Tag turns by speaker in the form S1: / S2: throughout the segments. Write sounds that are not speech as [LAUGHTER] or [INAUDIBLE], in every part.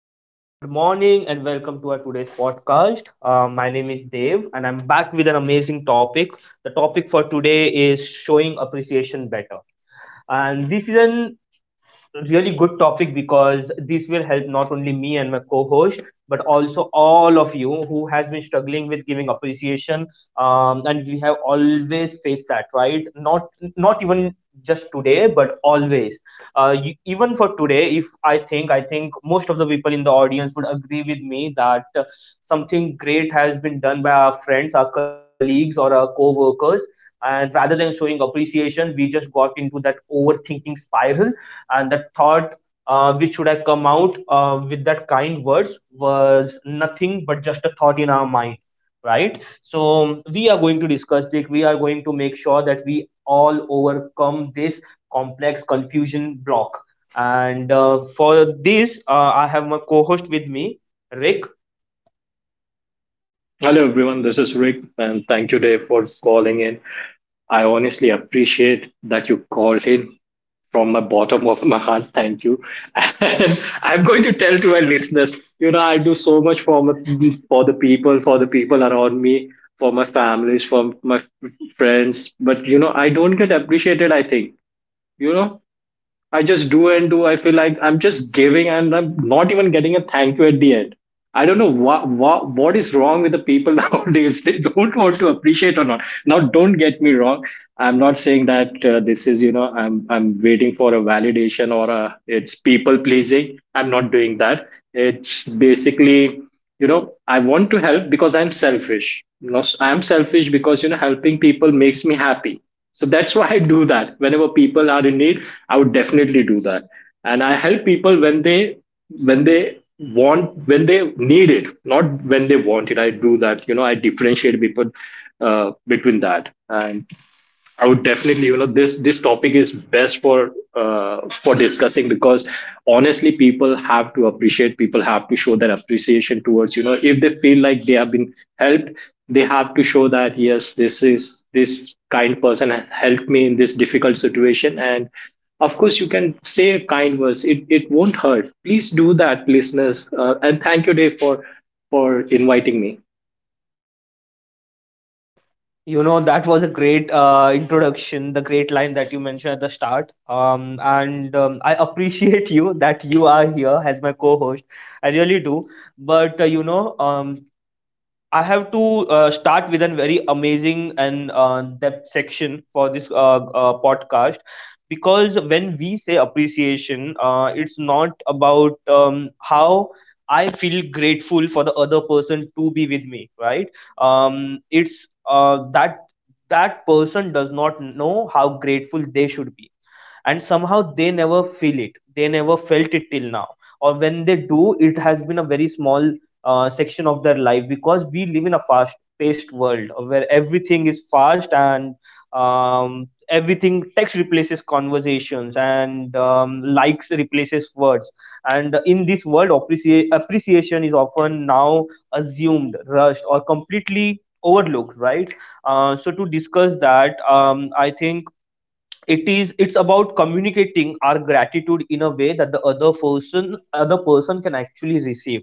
S1: Good morning, and welcome to our today's podcast. My name is Dave, and I'm back with an amazing topic. The topic for today is showing appreciation better, and this is an really good topic because this will help not only me and my co-host but also all of you who has been struggling with giving appreciation, and we have always faced that, right? Not even just today, but always. You, even for today, if I think most of the people in the audience would agree with me that something great has been done by our friends, our colleagues, or our co-workers, and rather than showing appreciation, we just got into that overthinking spiral. And the thought, which would have come out with that kind words, was nothing but just a thought in our mind, right? So we are going to discuss it. We are going to make sure that we all overcome this complex confusion block. And for this, I have my co-host with me, Rick.
S2: Hello, everyone. This is Rick, and thank you, Dave, for calling in. I honestly appreciate that you called in from my bottom of my heart. Thank you. [LAUGHS] And I'm going to tell to my listeners, I do so much for my, for the people around me, for my families, for my friends. But I don't get appreciated. I think you know I just do and do. I feel like I'm just giving and I'm not even getting a thank you at the end. I don't know what is wrong with the people [LAUGHS] nowadays. They don't want to appreciate or not. Now, don't get me wrong. I'm not saying that this is I'm waiting for a validation or a it's people pleasing. I'm not doing that. It's basically I want to help because I'm selfish. You know, I'm selfish because helping people makes me happy, so that's why I do that. Whenever people are in need, I would definitely do that. And I help people when they want when they need it, not when they want it. I do that. You know, I differentiate people between that. And I would definitely, you know, this topic is best for discussing because honestly, people have to appreciate. People have to show their appreciation towards, you know, if they feel like they have been helped, they have to show that yes, this is this kind person has helped me in this difficult situation. And of course, you can say a kind words. It won't hurt. Please do that, listeners. And thank you, Dave, for inviting me.
S1: You know, that was a great introduction, the great line that you mentioned at the start. And I appreciate [LAUGHS] you, that you are here as my co host. I really do. But, you know, I have to start with a very amazing and depth section for this podcast, because when we say appreciation, it's not about how I feel grateful for the other person to be with me, right? It's that that person does not know how grateful they should be, and somehow they never feel it, they never felt it till now, or when they do, it has been a very small section of their life, because we live in a fast paced world where everything is fast, and everything text replaces conversations, and likes replaces words. And in this world, appreciation is often now assumed, rushed, or completely overlooked, right? So to discuss that, I think it is, it's about communicating our gratitude in a way that the other person can actually receive,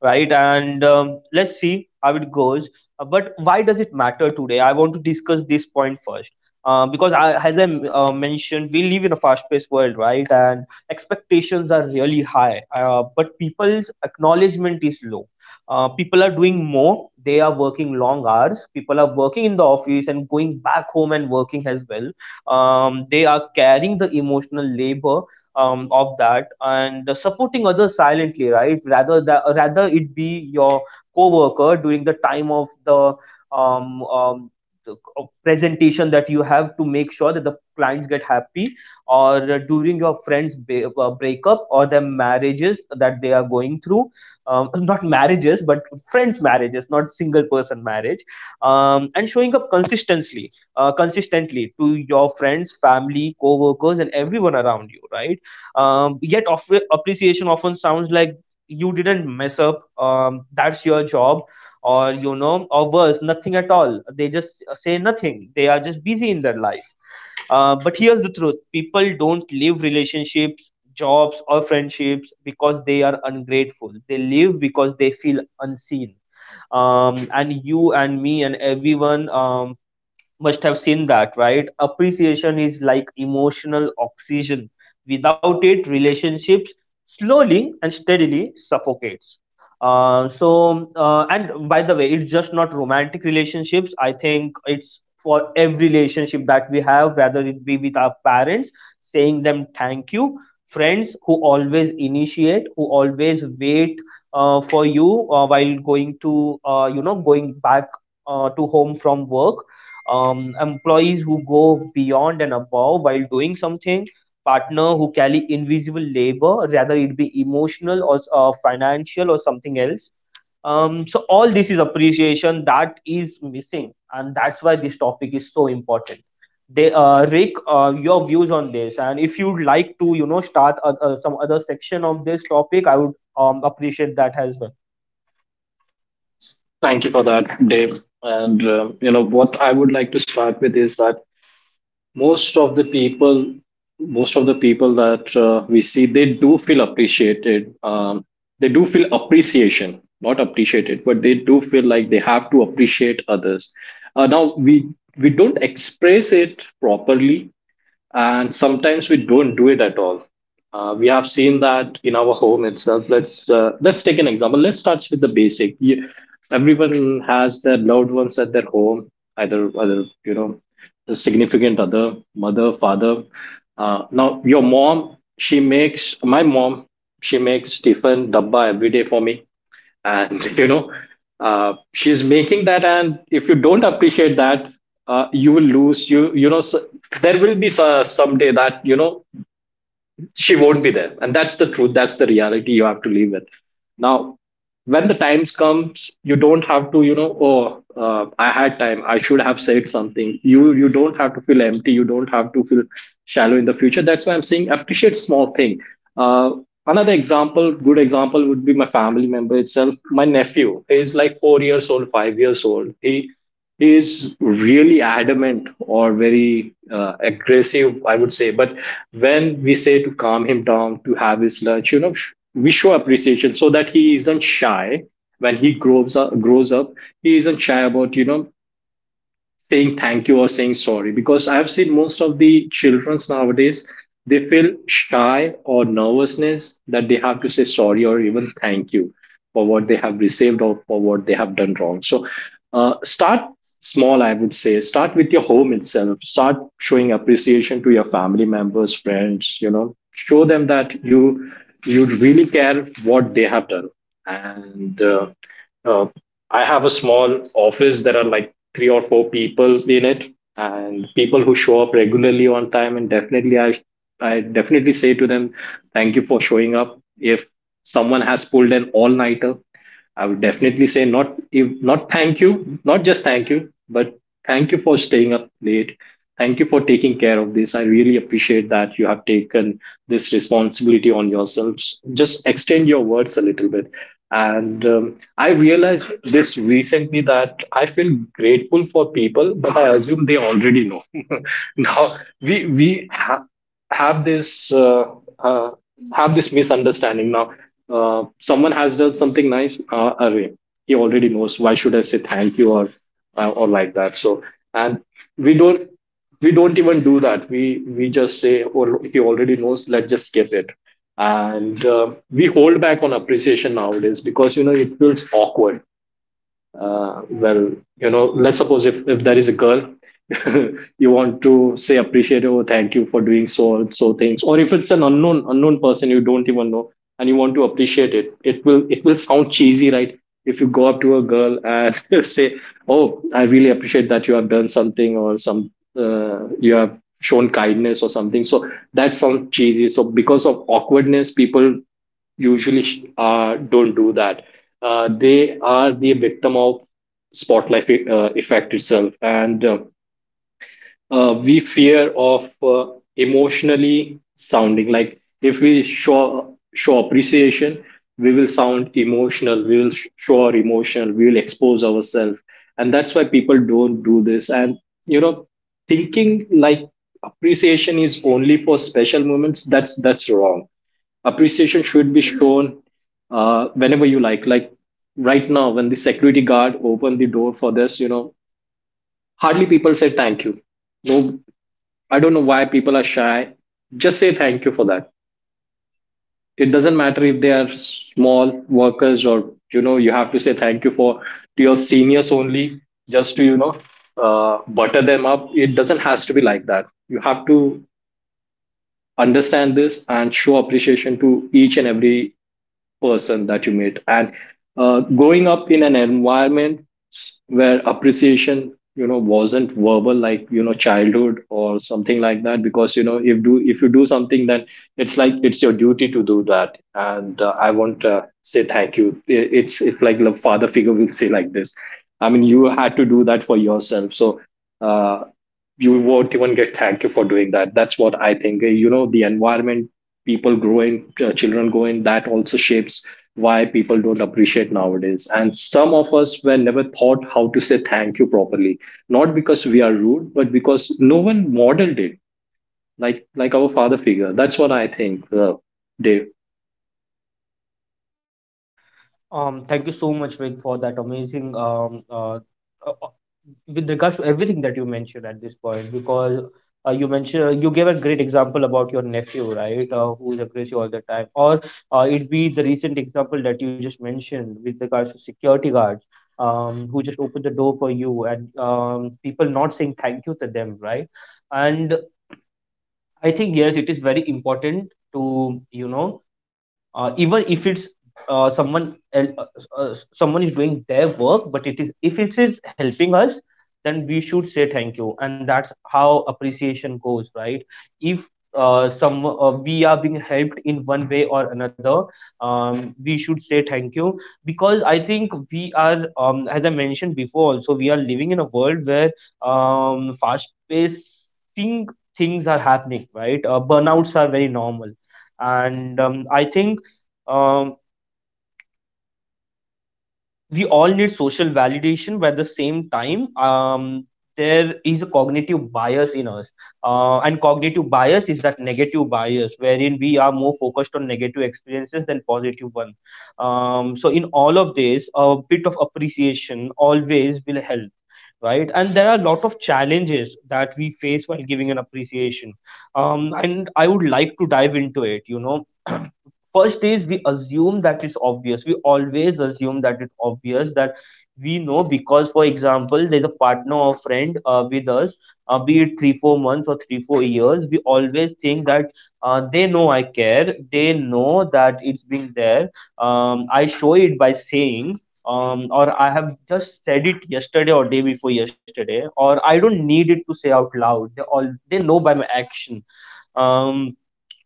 S1: right? And let's see how it goes. But why does it matter today? I want to discuss this point first. Because I, as I mentioned, we live in a fast-paced world, right? And expectations are really high, but people's acknowledgement is low. People are doing more. They are working long hours. People are working in the office and going back home and working as well. They are carrying the emotional labor of that and supporting others silently, right? Rather it be your coworker during the time of the um, um, presentation that you have to make sure that the clients get happy, or during your friends breakup or their marriages that they are going through. [COUGHS] [CLEARS THROAT] Not marriages but friends marriages, not single person marriage. And showing up consistently to your friends, family, co-workers, and everyone around you, right? Yet, appreciation often sounds like you didn't mess up. That's your job, or, you know, or worse, nothing at all. They just say nothing. They are just busy in their life. But here's the truth: people don't leave relationships, jobs, or friendships because they are ungrateful. They leave because they feel unseen, and you and me and everyone must have seen that, right? Appreciation is like emotional oxygen. Without it, relationships slowly and steadily suffocates. And by the way, it's just not romantic relationships. I think it's for every relationship that we have, whether it be with our parents, saying them thank you, friends who always initiate, who always wait for you while going to, you know, going back to home from work, employees who go beyond and above while doing something, partner who carry invisible labor, rather it be emotional or financial or something else. So all this is appreciation that is missing, and that's why this topic is so important. They, Rick, your views on this, and if you'd like to, you know, start some other section of this topic, I would appreciate that as well.
S2: Thank you for that, Dave. And you know what I would like to start with is that most of the people most of the people that we see they do feel appreciated, they do feel appreciation, not appreciated, but they do feel like they have to appreciate others. Now We don't express it properly, and sometimes we don't do it at all. We have seen that in our home itself. Let's take an example. Let's start with the basic. You, everyone has their loved ones at their home, either you know, the significant other, mother, father. She makes, my mom, she makes Stephen dabba every day for me, and [LAUGHS] she's making that, and if you don't appreciate that, you will lose, you know s there will be someday that you know she won't be there. And that's the truth. That's the reality you have to live with. Now, when the times comes, you don't have to, you know, oh, I had time. I should have said something. You don't have to feel empty. You don't have to feel shallow in the future. That's why I'm saying appreciate small thing. Uh, another example, good example would be my family member itself. My nephew. He's like 4 years old, 5 years old. He is really adamant or very aggressive, I would say. But when we say to calm him down, to have his lunch, you know, we show appreciation so that he isn't shy when he grows up. Grows up, he isn't shy about saying thank you or saying sorry, because I've seen most of the childrens nowadays, they feel shy or nervousness that they have to say sorry or even thank you for what they have received or for what they have done wrong. So start small, I would say. Start with your home itself. Start showing appreciation to your family members, friends. You know, show them that you really care what they have done. And uh, uh, I have a small office. There are like three or four people in it, and people who show up regularly on time. And definitely, I definitely say to them, thank you for showing up. If someone has pulled an all nighter, I would definitely say not if not thank you, not just thank you, but thank you for staying up late. Thank you for taking care of this. I really appreciate that you have taken this responsibility on yourselves. Just extend your words a little bit. And I realized this recently that I feel grateful for people, but I assume they already know. [LAUGHS] Now, we we ha- have this uh, uh, have this misunderstanding. Now, someone has done something nice. Array, he already knows. Why should I say thank you or like that? So, and we don't, we don't even do that. We just say, oh, he already knows. Let's just skip it. And we hold back on appreciation nowadays because you know it feels awkward. Well, you know, let's suppose if there is a girl, [LAUGHS] you want to say appreciate, oh thank you for doing so so things, or if it's an unknown person you don't even know, and you want to appreciate it, it will sound cheesy, right? If you go up to a girl and [LAUGHS] say oh I really appreciate that you have done something or some, you have shown kindness or something, so that sounds cheesy. So because of awkwardness, people usually don't do that. They are the victim of spotlight effect itself, and we fear of emotionally sounding like if we show appreciation, we will sound emotional, we will show our emotion, we will expose ourselves, and that's why people don't do this. And you know, thinking like appreciation is only for special moments, that's wrong. Appreciation should be shown whenever you like. Like right now, when the security guard opened the door for this, you know, hardly people say thank you. No, I don't know why people are shy. Just say thank you for that. It doesn't matter if they are small workers or you know you have to say thank you for to your seniors only, just to you know butter them up. It doesn't has to be like that. You have to understand this and show appreciation to each and every person that you meet. And growing up in an environment where appreciation you know wasn't verbal, like you know childhood or something like that, because you know if you do something then it's like it's your duty to do that, and I want to say thank you, it's like the father figure will say like this, I mean you had to do that for yourself. So uh, you won't even get thank you for doing that. That's what I think. You know, the environment people grow in, children grow in, that also shapes why people don't appreciate nowadays, and some of us were never taught how to say thank you properly, not because we are rude, but because no one modeled it, like our father figure. That's what I think, Dave.
S1: Thank you so much, Vic, for that amazing uh, uh, with regards to everything that you mentioned at this point, because you mentioned, you gave a great example about your nephew, right, who is aggressive all the time, or it be the recent example that you just mentioned with regards to security guards, who just opened the door for you, and people not saying thank you to them, right, and I think yes, it is very important to, you know, even if it's uh, someone el- uh, someone is doing their work, but it is, if it is helping us, then we should say thank you, and that's how appreciation goes, right? If some we are being helped in one way or another, we should say thank you, because I think we are, as I mentioned before, also we are living in a world where fast paced things are happening, right? Burnouts are very normal, and I think um, we all need social validation, but at the same time there is a cognitive bias in us. And cognitive bias is that negative bias wherein we are more focused on negative experiences than positive one. So in all of this, a bit of appreciation always will help, right? And there are a lot of challenges that we face while giving an appreciation. And I would like to dive into it, you know. [CLEARS THROAT] First is, we assume that it's obvious. We always assume that it's obvious, that we know, because for example there's a partner or friend with us, be it 3-4 months or 3-4 years, we always think that they know I care, they know that it's been there. I show it by saying, or I have just said it yesterday or day before yesterday, or I don't need it to say out loud, they all they know by my action. um,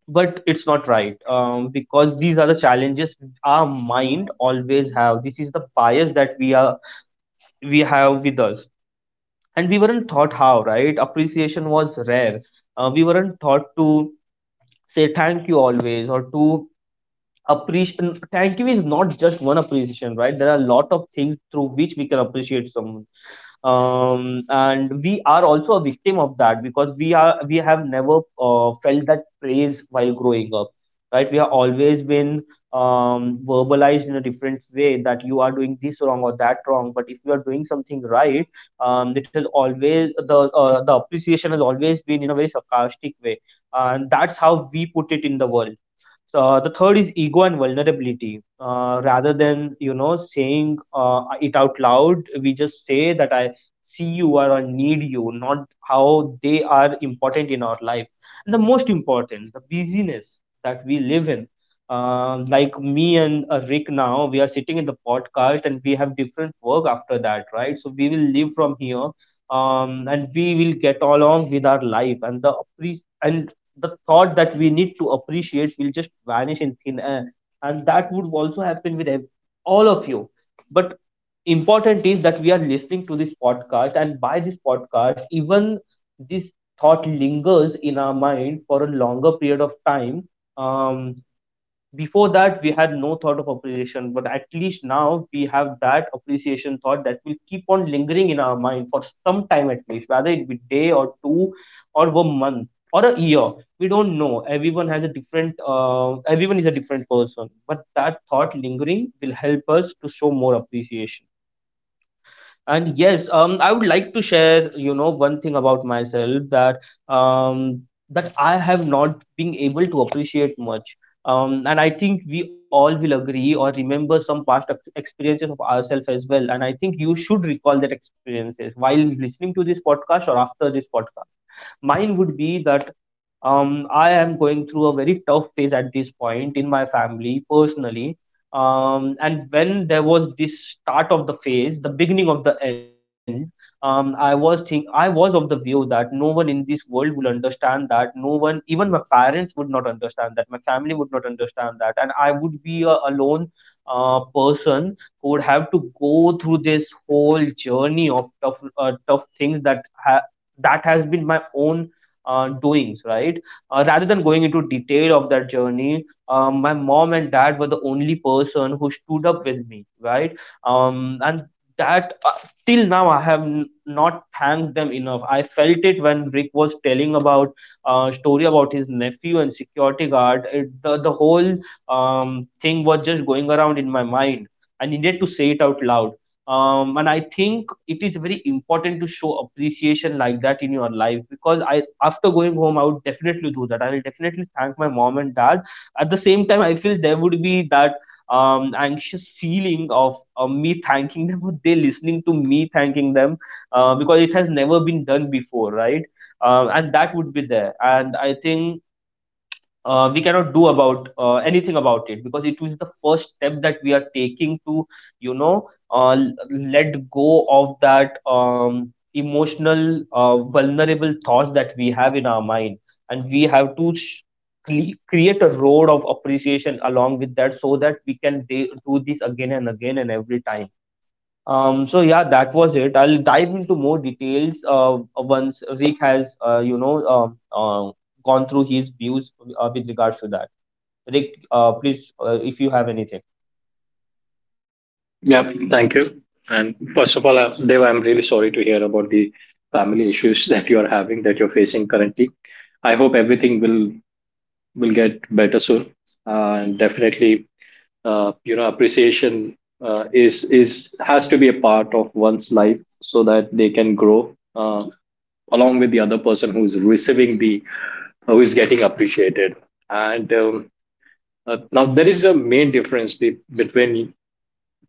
S1: but it's not right, because these are the challenges our mind always have. This is the bias that we have with us. And we weren't taught how, right? Appreciation was rare. We weren't taught to say thank you always, or to appreciate. Thank you is not just one appreciation, right? There are a lot of things through which we can appreciate someone. And we are also a victim of that, because we have never felt that praise while growing up, right? We have always been verbalized in a different way that you are doing this wrong or that wrong. But if you are doing something right, it has always, the the appreciation has always been in a very sarcastic way, and that's how we put it in the world. So the third is ego and vulnerability. Rather than, you know, saying it out loud, we just say that I see you, or need you, not how they are important in our life. And the most important, the busyness that we live in. Like me and Rick now, we are sitting in the podcast and we have different work after that, right? So we will live from here, and we will get along with our life, and the and the thought that we need to appreciate will just vanish in thin air. And that would also happen with all of you. But important is that we are listening to this podcast, and by this podcast even this thought lingers in our mind for a longer period of time. um, Before that we had no thought of appreciation, but at least now we have that appreciation thought that will keep on lingering in our mind for some time at least, whether it be day or two or one month or a year, we don't know. Everyone is a different person, but that thought lingering will help us to show more appreciation. And yes, I would like to share, you know, one thing about myself, that um, I have not been able to appreciate much. And I think we all will agree or remember some past experiences of ourselves as well. And I think you should recall that experiences while listening to this podcast or after this podcast. Mine would be that I am going through a very tough phase at this point in my family, personally. And when there was this start of the phase, the beginning of the end, I was of the view that no one in this world will understand that. No one, even my parents, would not understand that. My family would not understand that, and I would be a alone person who would have to go through this whole journey of tough, tough things that has been my own doings, right? Rather than going into detail of that journey, my mom and dad were the only person who stood up with me, right? And that till now I have not thanked them enough. I felt it when Rick was telling about story about his nephew and security guard. The whole thing was just going around in my mind. I needed to say it out loud. And I think it is very important to show appreciation like that in your life, because I after going home I would definitely do that. I will definitely thank my mom and dad. At the same time, I feel there would be that anxious feeling of me thanking them [LAUGHS] or they listening to me thanking them, because it has never been done before, right? And that would be there, and I think we cannot do about anything about it, because it is the first step that we are taking to let go of that emotional, vulnerable thoughts that we have in our mind. And we have to sh- cle- create a road of appreciation along with that, so that we can do this again and again and every time. So yeah, that was it. I'll dive into more details once Rick has gone through his views with regards to that. Rick, please, if you have anything.
S2: Yeah, thank you. And first of all, Deva, I'm really sorry to hear about the family issues [LAUGHS] that you are having, that you're facing currently. I hope everything will get better soon. And definitely, you know, appreciation is has to be a part of one's life so that they can grow along with the other person who is receiving the, who is getting appreciated. And now there is a main difference between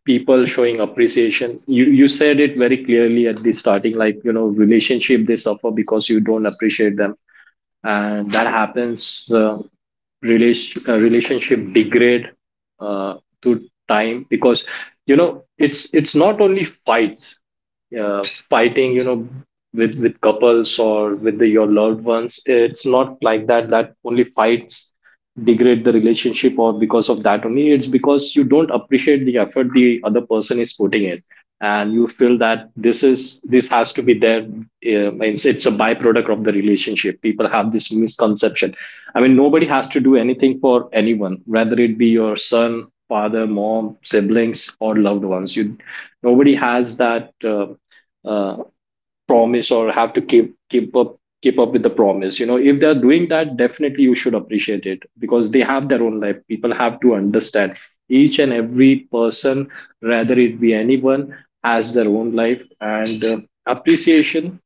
S2: people showing appreciation. You said it very clearly at the starting, like you know relationship they suffer because you don't appreciate them, and that happens. Relationship degrade uh, to time because you know it's not only fights, uh, fighting, you know, with couples or with the, your loved ones. It's not like that, that only fights degrade the relationship or because of that only. It's because you don't appreciate the effort the other person is putting in, and you feel that this has to be there. Um, it's a byproduct of the relationship. People have this misconception. I mean, nobody has to do anything for anyone, whether it be your son, father, mom, siblings, or loved ones. You, nobody has that uh, promise or have to keep up with the promise. You know, if they're doing that, definitely you should appreciate it because they have their own life. People have to understand each and every person, whether it be anyone, has their own life and. Appreciation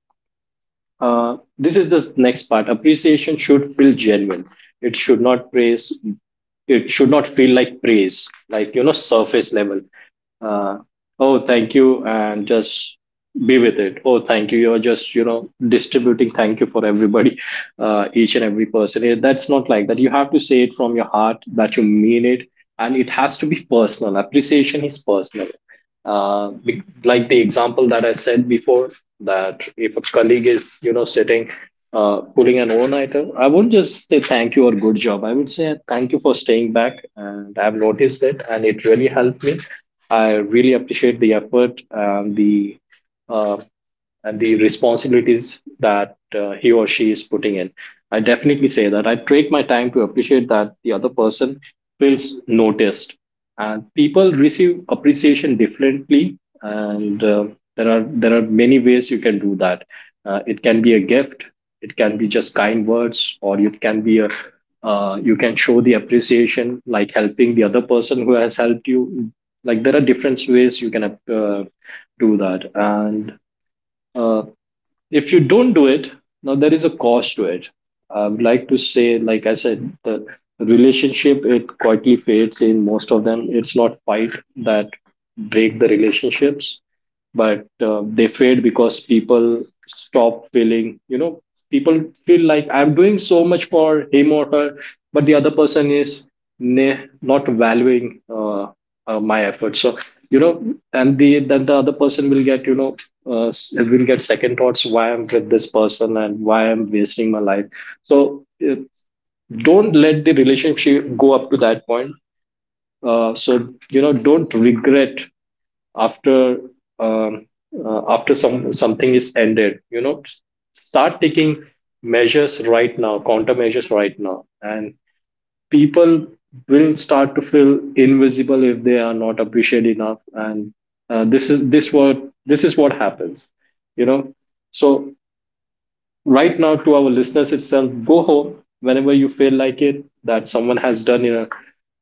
S2: This is the next part. Appreciation should feel genuine. It should not praise. It should not feel like praise, like you know, surface level. Uh, oh, thank you, and just be with it. Oh, thank you. You're just distributing thank you for everybody, each and every person. That's not like that. You have to say it from your heart that you mean it, and it has to be personal. Appreciation is personal. Like the example that I said before, that if a colleague is sitting pulling an own item, I wouldn't just say thank you or good job. I would say thank you for staying back, and I've noticed it and it really helped me. I really appreciate the effort uh, and the responsibilities that he or she is putting in. I definitely say that I take my time to appreciate that the other person feels noticed, and people receive appreciation differently. And there are many ways you can do that. It can be a gift, it can be just kind words, or it can be a, you can show the appreciation like helping the other person who has helped you. Like, there are different ways you can do that. And uh, if you don't do it now, there is a cost to it. I would like to say, like I said, the relationship, it quietly fades. In most of them, it's not fight that break the relationships, but they fade because people stop feeling, you know, people feel like I'm doing so much for him or her, but the other person is not valuing my efforts. So, you know, and the then the other person will get, you know, will get second thoughts: why I'm with this person and why I'm wasting my life. So, don't let the relationship go up to that point. So, you know, don't regret after um, after some something is ended. You know, start taking measures right now, countermeasures right now, and people will start to feel invisible if they are not appreciated enough. And uh, this is this what this is what happens, you know. So right now, to our listeners itself, go home whenever you feel like it, that someone has done, you know,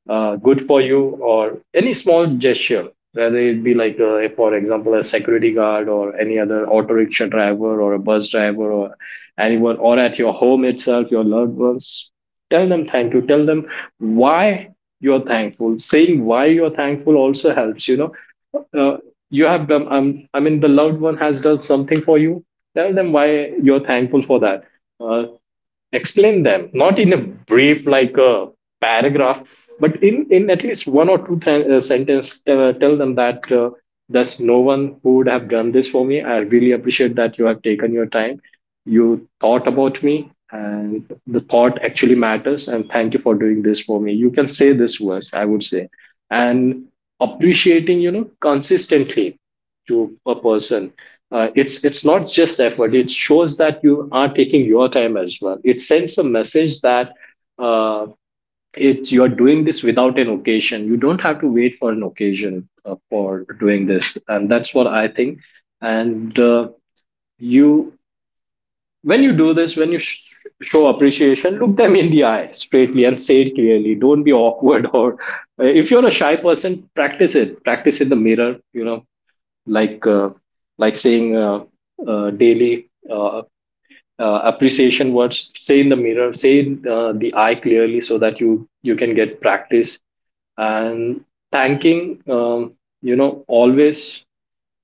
S2: good for you, or any small gesture, whether it be like, for example, a security guard or any other auto rickshaw driver or a bus driver or anyone, or at your home itself, your loved ones. Tell them thank you. Tell them why you're thankful. Saying why you're thankful also helps, you know. Uh, you have done, I mean, the loved one has done something for you. Tell them why you're thankful for that. Uh, Explain them, not in a brief like a paragraph, but in at least one or two sentence, tell them that there's no one who would have done this for me. I really appreciate that you have taken your time, you thought about me, and the thought actually matters, and thank you for doing this for me. You can say this words, I would say. And appreciating, you know, consistently to a person, it's not just effort, it shows that you are taking your time as well. It sends a message that uh, it's, you're doing this without an occasion. You don't have to wait for an occasion for doing this, and that's what I think. And you, when you do this, show appreciation, look them in the eye straightly and say it clearly. Don't be awkward [LAUGHS] or if you're a shy person, practice it. Practice in the mirror, you know. like uh, like saying, daily appreciation words. Say in the mirror, say the I clearly, so that you can get practice. And thanking, you know, always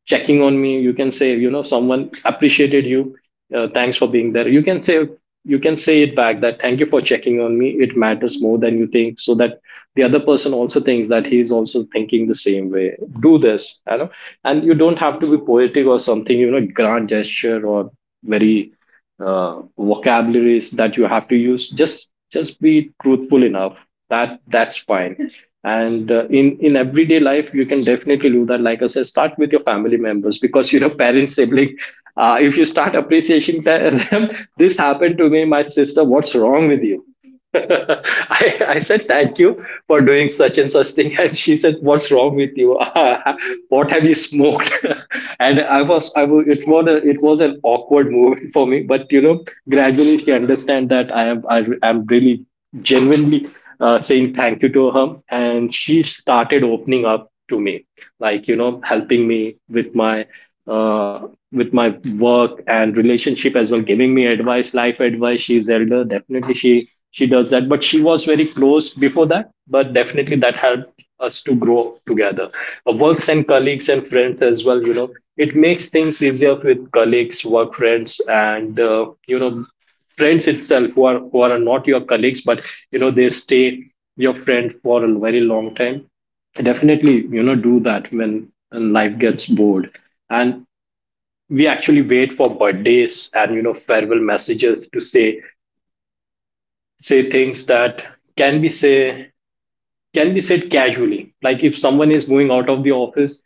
S2: checking on me, you can say, you know, someone appreciated you. Thanks for being there, you can say. You can say it back, that thank you for checking on me, it matters more than you think. So that the other person also thinks that he is also thinking the same way. Do this, you know. And you don't have to be poetic or something, you know, grand gesture or very vocabularies that you have to use. Just be truthful enough, that that's fine. [LAUGHS] And in everyday life, you can definitely do that. Like I said, start with your family members, because, you know, parents, sibling, if you start appreciating them. [LAUGHS] This happened to me. My sister: what's wrong with you? [LAUGHS] I said thank you for doing such and such thing, and she said, what's wrong with you? [LAUGHS] What have you smoked? [LAUGHS] And I was, it was it was an awkward moment for me, but you know, gradually she understand that I am really, genuinely, saying thank you to her, and she started opening up to me, like, you know, helping me with my uh, with my work and relationship as well, giving me advice, life advice. She's elder, definitely she does that. But she was very close before that. But definitely that helped us to grow together. Works and colleagues and friends as well. You know, it makes things easier with colleagues, work friends, and you know, friends itself who are not your colleagues, but you know, they stay your friend for a very long time. Definitely, you know, do that. When life gets bored, and we actually wait for birthdays and, you know, farewell messages to say, say things that can be say can be said casually. Like if someone is moving out of the office,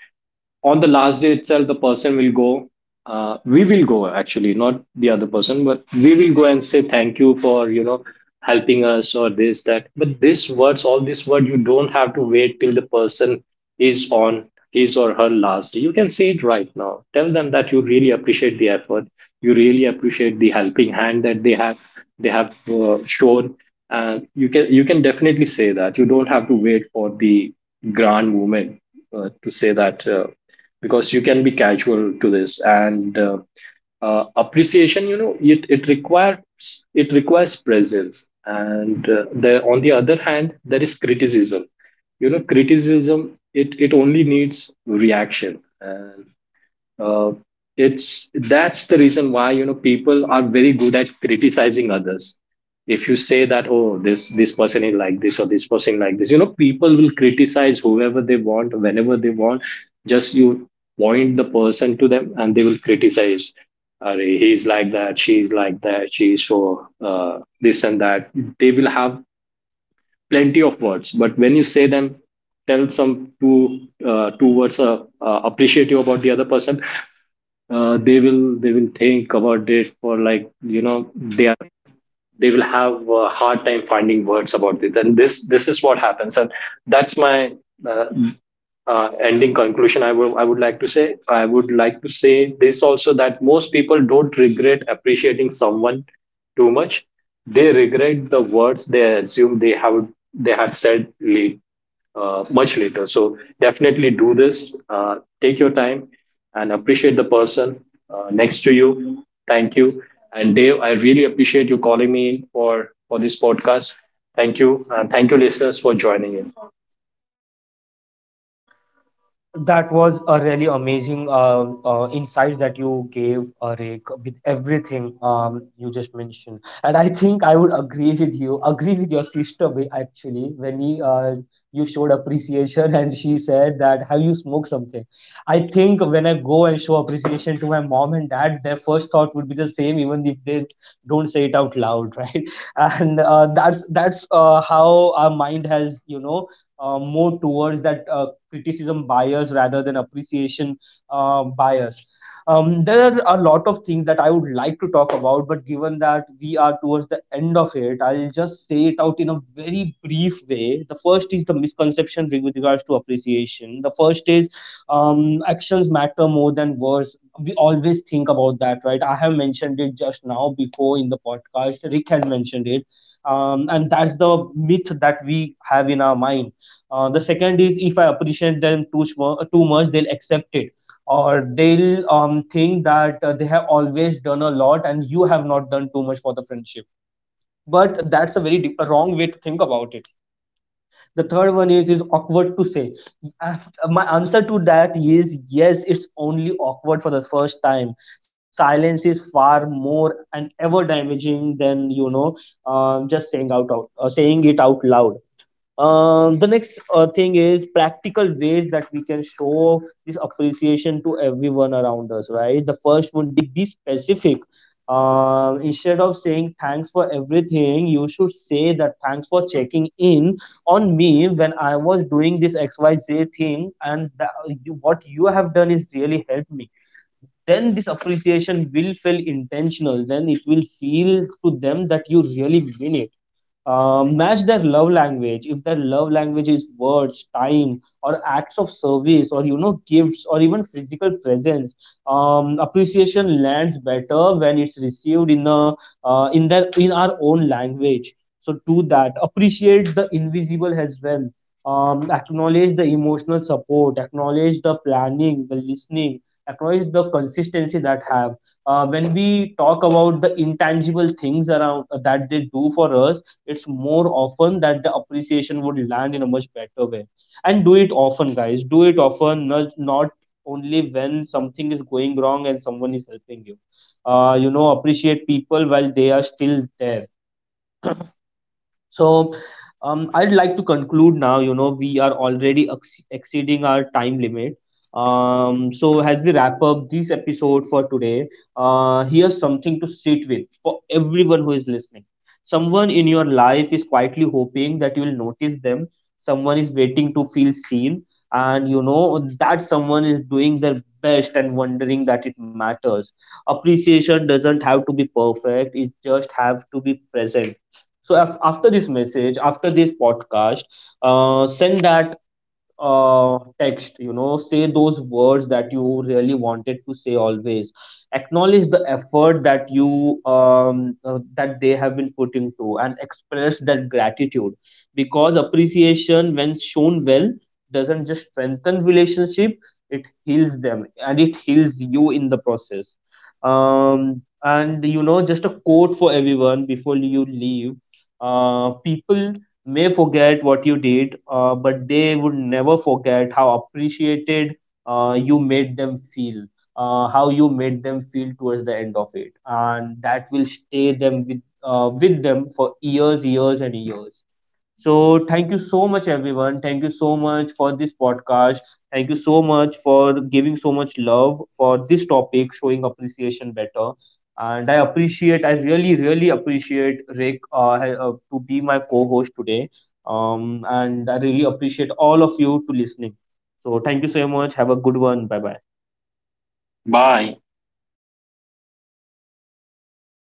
S2: on the last day itself, the person will go, actually, not the other person, but we will go and say thank you for, you know, helping us or this that. But this words, all this word, you don't have to wait till the person is on his or her last. You can say it right now. Tell them that you really appreciate the effort, you really appreciate the helping hand that they have shown, and you can definitely say that. You don't have to wait for the grand moment to say that, because you can be casual to this. And. Appreciation, you know, it requires, it requires presence. And on the other hand, there is criticism. You know, criticism, it only needs reaction. And uh, it's that's the reason why, you know, people are very good at criticizing others. If you say that, oh, this person is like this, or this person like this, you know, people will criticize whoever they want whenever they want. Just you point the person to them, and they will criticize. Arey, he's like that, she's like that, she's so this and that. They will have plenty of words, but when you say them, tell some two words appreciative about the other person. They will, they will think about it for like, you know, they will have a hard time finding words about it, and this is what happens. And that's my uh, ending conclusion. I would like to say, I would like to say this also, that most people don't regret appreciating someone too much. They regret the words they assume they had said late, much later. So definitely do this. Take your time and appreciate the person next to you. Thank you. And Dave, I really appreciate you calling me in for this podcast. Thank you. And thank you, listeners, for joining in.
S1: That was a really amazing insights that you gave, Rick, with everything you just mentioned. And I think I would agree with you, agree with your sister, actually, when he, you showed appreciation [LAUGHS] and she said that, have you smoked something? I think when I go and show appreciation to my mom and dad, their first thought would be the same, even if they don't say it out loud, [LAUGHS] right? And that's how our mind has, you know, more towards that criticism bias rather than appreciation bias. There are a lot of things that I would like to talk about, but given that we are towards the end of it, I'll just say it out in a very brief way. The first is the misconception with regards to appreciation. The first is actions matter more than words. We always think about that, right? I have mentioned it just now before in the podcast. Rick has mentioned it. And that's the myth that we have in our mind. Uh, The second is, if I appreciate them too much, they'll accept it, or they'll think that they have always done a lot and you have not done too much for the friendship. But that's a very a wrong way to think about it. The third one is awkward to say. And my answer to that is yes, it's only awkward for the first time. Silence is far more and ever damaging than, you know, just saying it out loud. Um, The next thing is practical ways that we can show this appreciation to everyone around us, right? The first would be specific. Instead of saying thanks for everything, you should say that thanks for checking in on me when I was doing this XYZ thing, and that what you have done is really helped me. Then this appreciation will feel intentional, then it will feel to them that you really mean it. Uh, Match their love language. If their love language is words, time, or acts of service, or you know, gifts, or even physical presence, appreciation lands better when it's received in a in their, in our own language. So do that. Appreciate the invisible as well. Acknowledge the emotional support, acknowledge the planning, the listening, acknowledge the consistency that have when we talk about the intangible things around that they do for us. It's more often that the appreciation would land in a much better way. And do it often, guys, do it often, not only when something is going wrong and someone is helping you. You know, appreciate people while they are still there. So, I'd like to conclude now. You know, we are already exceeding our time limit. So, as we wrap up this episode for today, here's something to sit with for everyone who is listening. Someone in your life is quietly hoping that you will notice them. Someone is waiting to feel seen, and you know that someone is doing their best and wondering that it matters. Appreciation doesn't have to be perfect; it just have to be present. So after this message, after this podcast, send that text, you know, say those words that you really wanted to say. Always acknowledge the effort that you that they have been putting to, and express that gratitude, because appreciation, when shown well, doesn't just strengthen relationship, it heals them and it heals you in the process. And you know, just a quote for everyone before you leave. People may forget what you did, but they would never forget how appreciated you made them feel, how you made them feel towards the end of it, and that will stay them with them for years, years, and years. So, thank you so much, everyone. Thank you so much for this podcast. Thank you so much for giving so much love for this topic, showing appreciation better. And I appreciate, I really, really appreciate Rick to be my co host today. And I really appreciate all of you to listening. So, thank you so much. Have a good one. Bye bye.
S2: Bye.